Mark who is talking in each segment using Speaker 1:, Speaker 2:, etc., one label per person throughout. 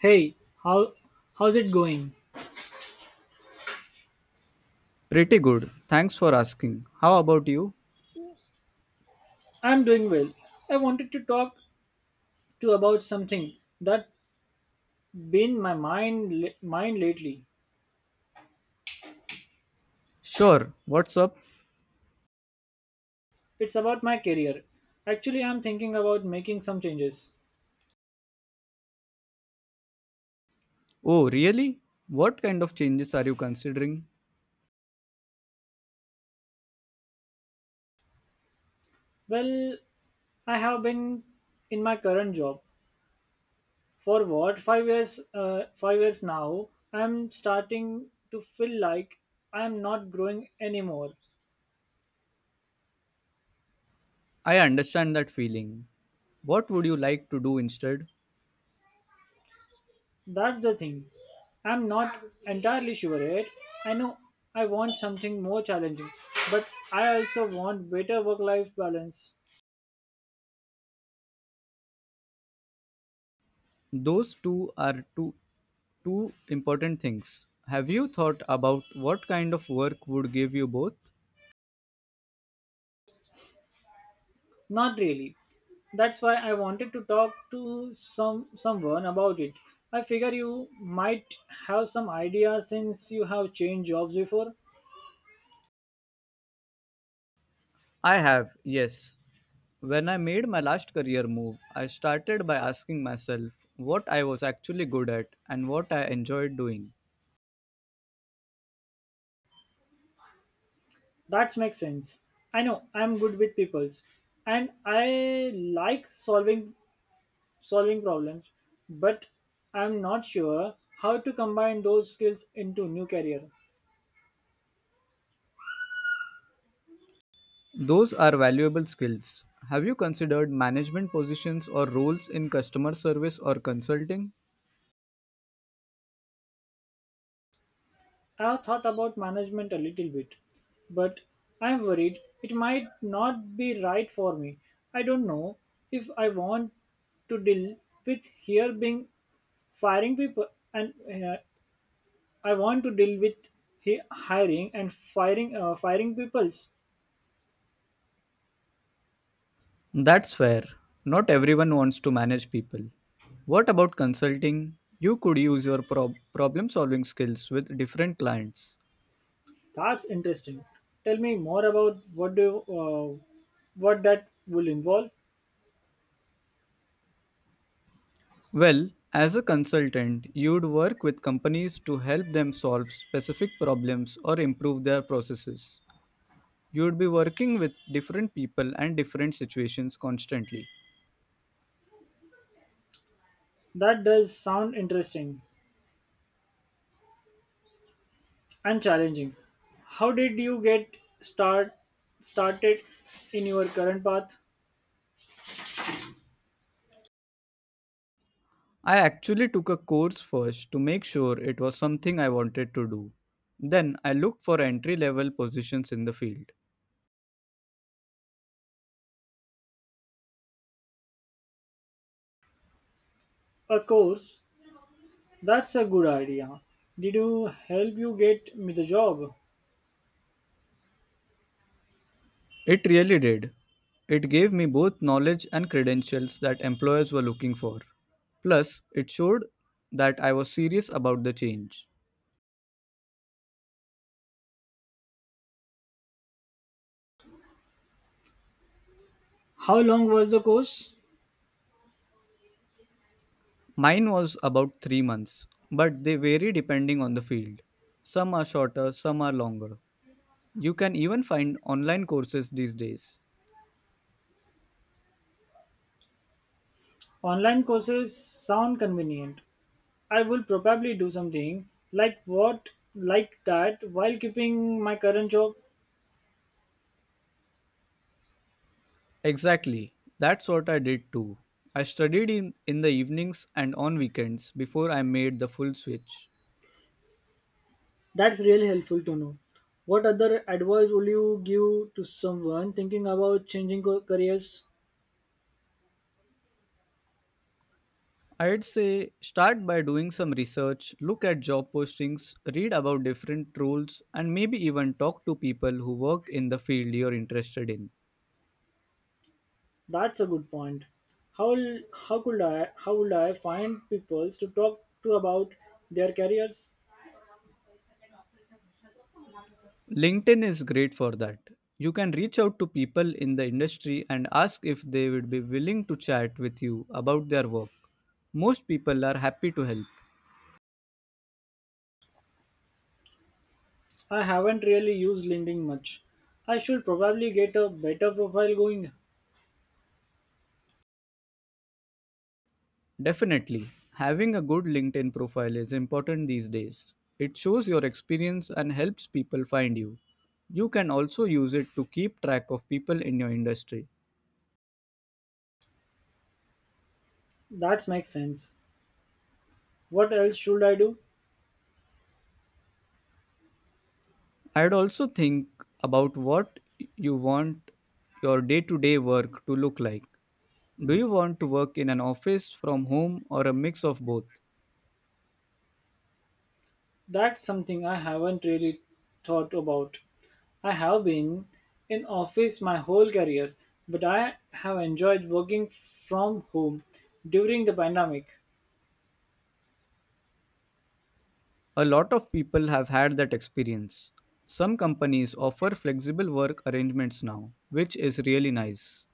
Speaker 1: Hey, how how's it going?
Speaker 2: Pretty good. Thanks for asking. How about you?
Speaker 1: I'm doing well. I wanted to talk to about something that been my mind mind lately.
Speaker 2: Sure. What's up?
Speaker 1: It's about my career. Actually, I'm thinking about making some changes.
Speaker 2: Oh, really? What kind of changes are you considering?
Speaker 1: Well, I have been in my current job for what 5 years 5 years now. I'm starting to feel like I'm not growing anymore.
Speaker 2: I understand that feeling. What would you like to do instead?
Speaker 1: That's the thing. I'm not entirely sure yet. I know I want something more challenging, but I also want better work life balance.
Speaker 2: Those two are two important things. Have you thought about what kind of work would give you both?
Speaker 1: Not really. That's why I wanted to talk to someone about it. I figure you might have some ideas since you have changed jobs before.
Speaker 2: I have. Yes. When I made my last career move, I started by asking myself what I was actually good at and what I enjoyed doing.
Speaker 1: That makes sense. I know I'm good with peoples and I like solving problems, but I'm not sure how to combine those skills into new career.
Speaker 2: Those are valuable skills. Have you considered management positions or roles in customer service or consulting?
Speaker 1: I've thought about management a little bit, but I'm worried it might not be right for me. I don't know if I want to deal with here being firing people and I want to deal with hiring and firing firing peoples.
Speaker 2: That's fair. Not everyone wants to manage people. What about consulting? You could use your problem solving skills with different clients.
Speaker 1: That's interesting. Tell me more about what that will involve.
Speaker 2: Well, as a consultant, you'd work with companies to help them solve specific problems or improve their processes. You'd be working with different people and different situations constantly.
Speaker 1: That does sound interesting and challenging. How did you get start started in your current path?
Speaker 2: I actually took a course first to make sure it was something I wanted to do. Then I looked for entry level positions in the field.
Speaker 1: A course? That's a good idea. Did you help you get me the job?
Speaker 2: It really did. It gave me both knowledge and credentials that employers were looking for. Plus, it showed that I was serious about the change.
Speaker 1: How long was the course?
Speaker 2: Mine was about 3 months, but they vary depending on the field. Some are shorter, some are longer. You can even find online courses these days.
Speaker 1: Online courses sound convenient. I will probably do something like what like that while keeping my current job.
Speaker 2: Exactly. That's what I did too. I studied in the evenings and on weekends before I made the full switch.
Speaker 1: That's really helpful to know. What other advice will you give to someone thinking about changing careers?
Speaker 2: I'd say start by doing some research, look at job postings, read about different roles, and maybe even talk to people who work in the field you're interested in.
Speaker 1: That's a good point. How how would I find people to talk to about their careers?
Speaker 2: LinkedIn is great for that. You can reach out to people in the industry and ask if they would be willing to chat with you about their work. Most people are happy to help.
Speaker 1: I haven't really used LinkedIn much. I should probably get a better profile going.
Speaker 2: Definitely. Having a good LinkedIn profile is important these days. It shows your experience and helps people find you. You can also use it to keep track of people in your industry.
Speaker 1: That makes sense. What else should I do?
Speaker 2: I'd also think about what you want your day to day work to look like. Do you want to work in an office, from home, or a mix of both?
Speaker 1: That's something I haven't really thought about. I have been in office my whole career, but I have enjoyed working from home during the pandemic.
Speaker 2: A lot of people have had that experience. Some companies offer flexible work arrangements now, which is really nice.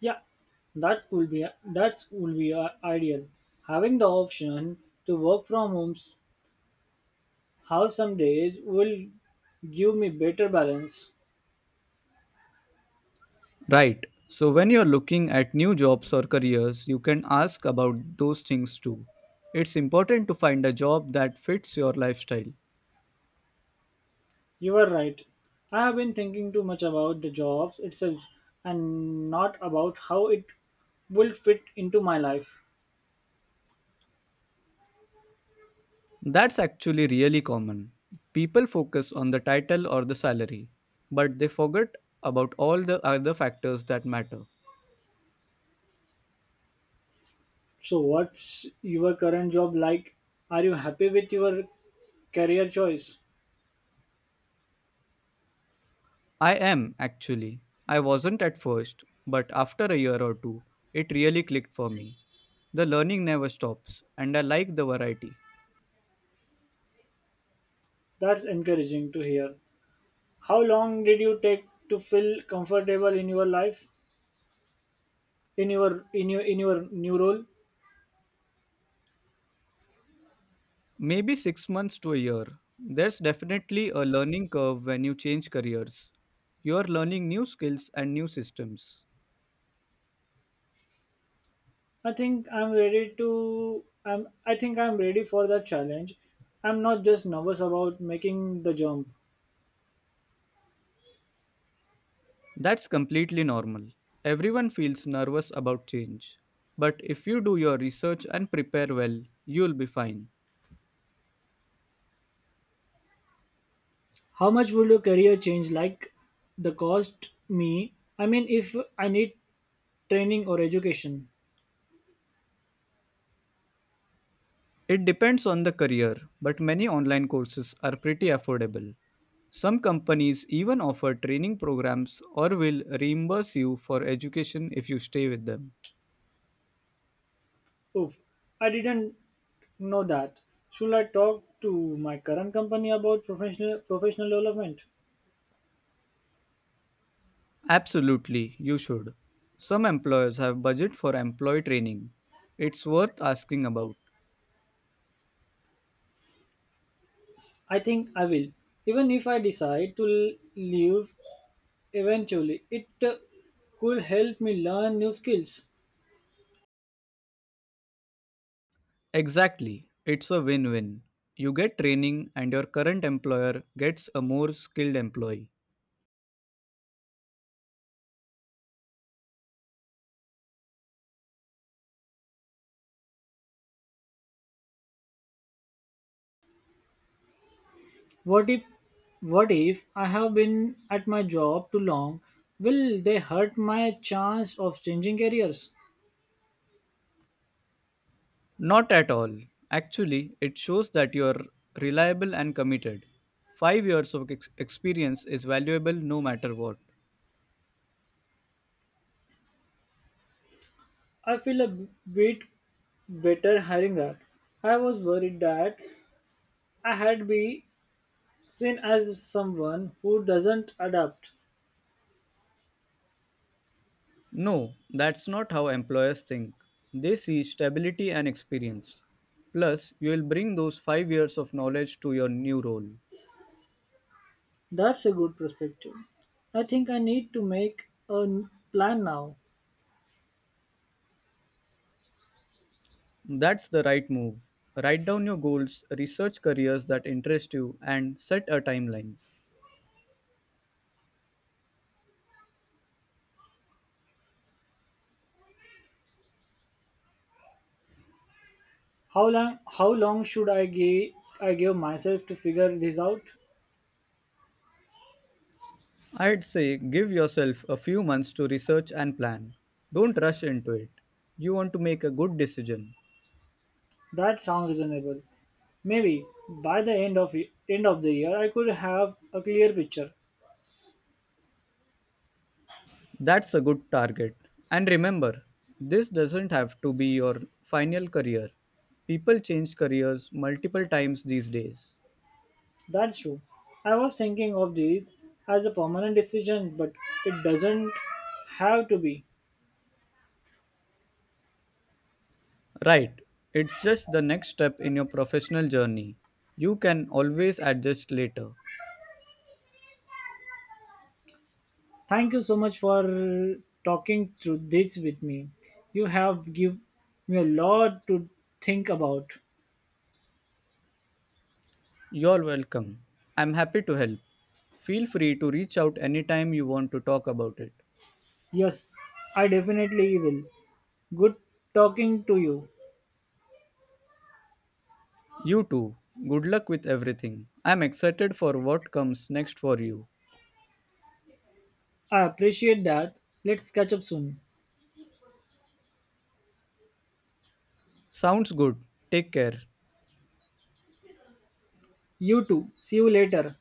Speaker 1: Yeah, that's would be that's would be ideal. Having the option to work from home, house some days will give me better balance.
Speaker 2: Right. So when you're looking at new jobs or careers, you can ask about those things too. It's important to find a job that fits your lifestyle.
Speaker 1: You are right. I have been thinking too much about the jobs itself and not about how it will fit into my life.
Speaker 2: That's actually really common. People focus on the title or the salary, but they forget about all the other factors that matter.
Speaker 1: So, what's your current job like? Are you happy with your career choice?
Speaker 2: I am actually. I wasn't at first, but after a year or two, it really clicked for me. The learning never stops, and I like the variety.
Speaker 1: That's encouraging to hear. How long did you take to feel comfortable in your life? In your new role.
Speaker 2: Maybe 6 months to a year. There's definitely a learning curve when you change careers. You're learning new skills and new systems.
Speaker 1: I think I'm ready for that challenge. I'm not just nervous about making the jump.
Speaker 2: That's completely normal. Everyone feels nervous about change. But if you do your research and prepare well, you'll be fine.
Speaker 1: How much would your career change the cost me? I mean if I need training or education.
Speaker 2: It depends on the career, but many online courses are pretty affordable. Some companies even offer training programs or will reimburse you for education if you stay with them.
Speaker 1: Oof, I didn't know that. Should I talk to my current company about professional development?
Speaker 2: Absolutely, you should. Some employers have budget for employee training. It's worth asking about.
Speaker 1: I think I will. Even if I decide to leave eventually, it could help me learn new skills.
Speaker 2: Exactly, it's a win win. You get training, and your current employer gets a more skilled employee.
Speaker 1: What if what if I have been at my job too long? Will they hurt my chance of changing careers?
Speaker 2: Not at all. Actually, it shows that you're reliable and committed. 5 years of experience is valuable no matter what.
Speaker 1: I feel a bit better hearing that. I was worried that I had been seen as someone who doesn't adapt.
Speaker 2: No, that's not how employers think. They see stability and experience. Plus, you will bring those 5 years of knowledge to your new role.
Speaker 1: That's a good perspective. I think I need to make a plan now.
Speaker 2: That's the right move. Write down your goals, research careers that interest you, and set a timeline.
Speaker 1: How long should I give myself to figure this out?
Speaker 2: I'd say give yourself a few months to research and plan. Don't rush into it. You want to make a good decision.
Speaker 1: That sounds reasonable. Maybe by the end of end of the year I could have a clear picture.
Speaker 2: That's a good target. And remember, this doesn't have to be your final career. People change careers multiple times these days.
Speaker 1: That's true. I was thinking of this as a permanent decision, but it doesn't have to be.
Speaker 2: Right, it's just the next step in your professional journey. You can always adjust later.
Speaker 1: Thank you so much for talking through this with me. You have give me a lot to think about.
Speaker 2: You're welcome. I'm happy to help. Feel free to reach out anytime you want to talk about it.
Speaker 1: Yes, I definitely will. Good talking to you.
Speaker 2: You too. Good luck with everything. I'm excited for what comes next for you.
Speaker 1: I appreciate that. Let's catch up soon.
Speaker 2: Sounds good. Take care.
Speaker 1: You too. See you later.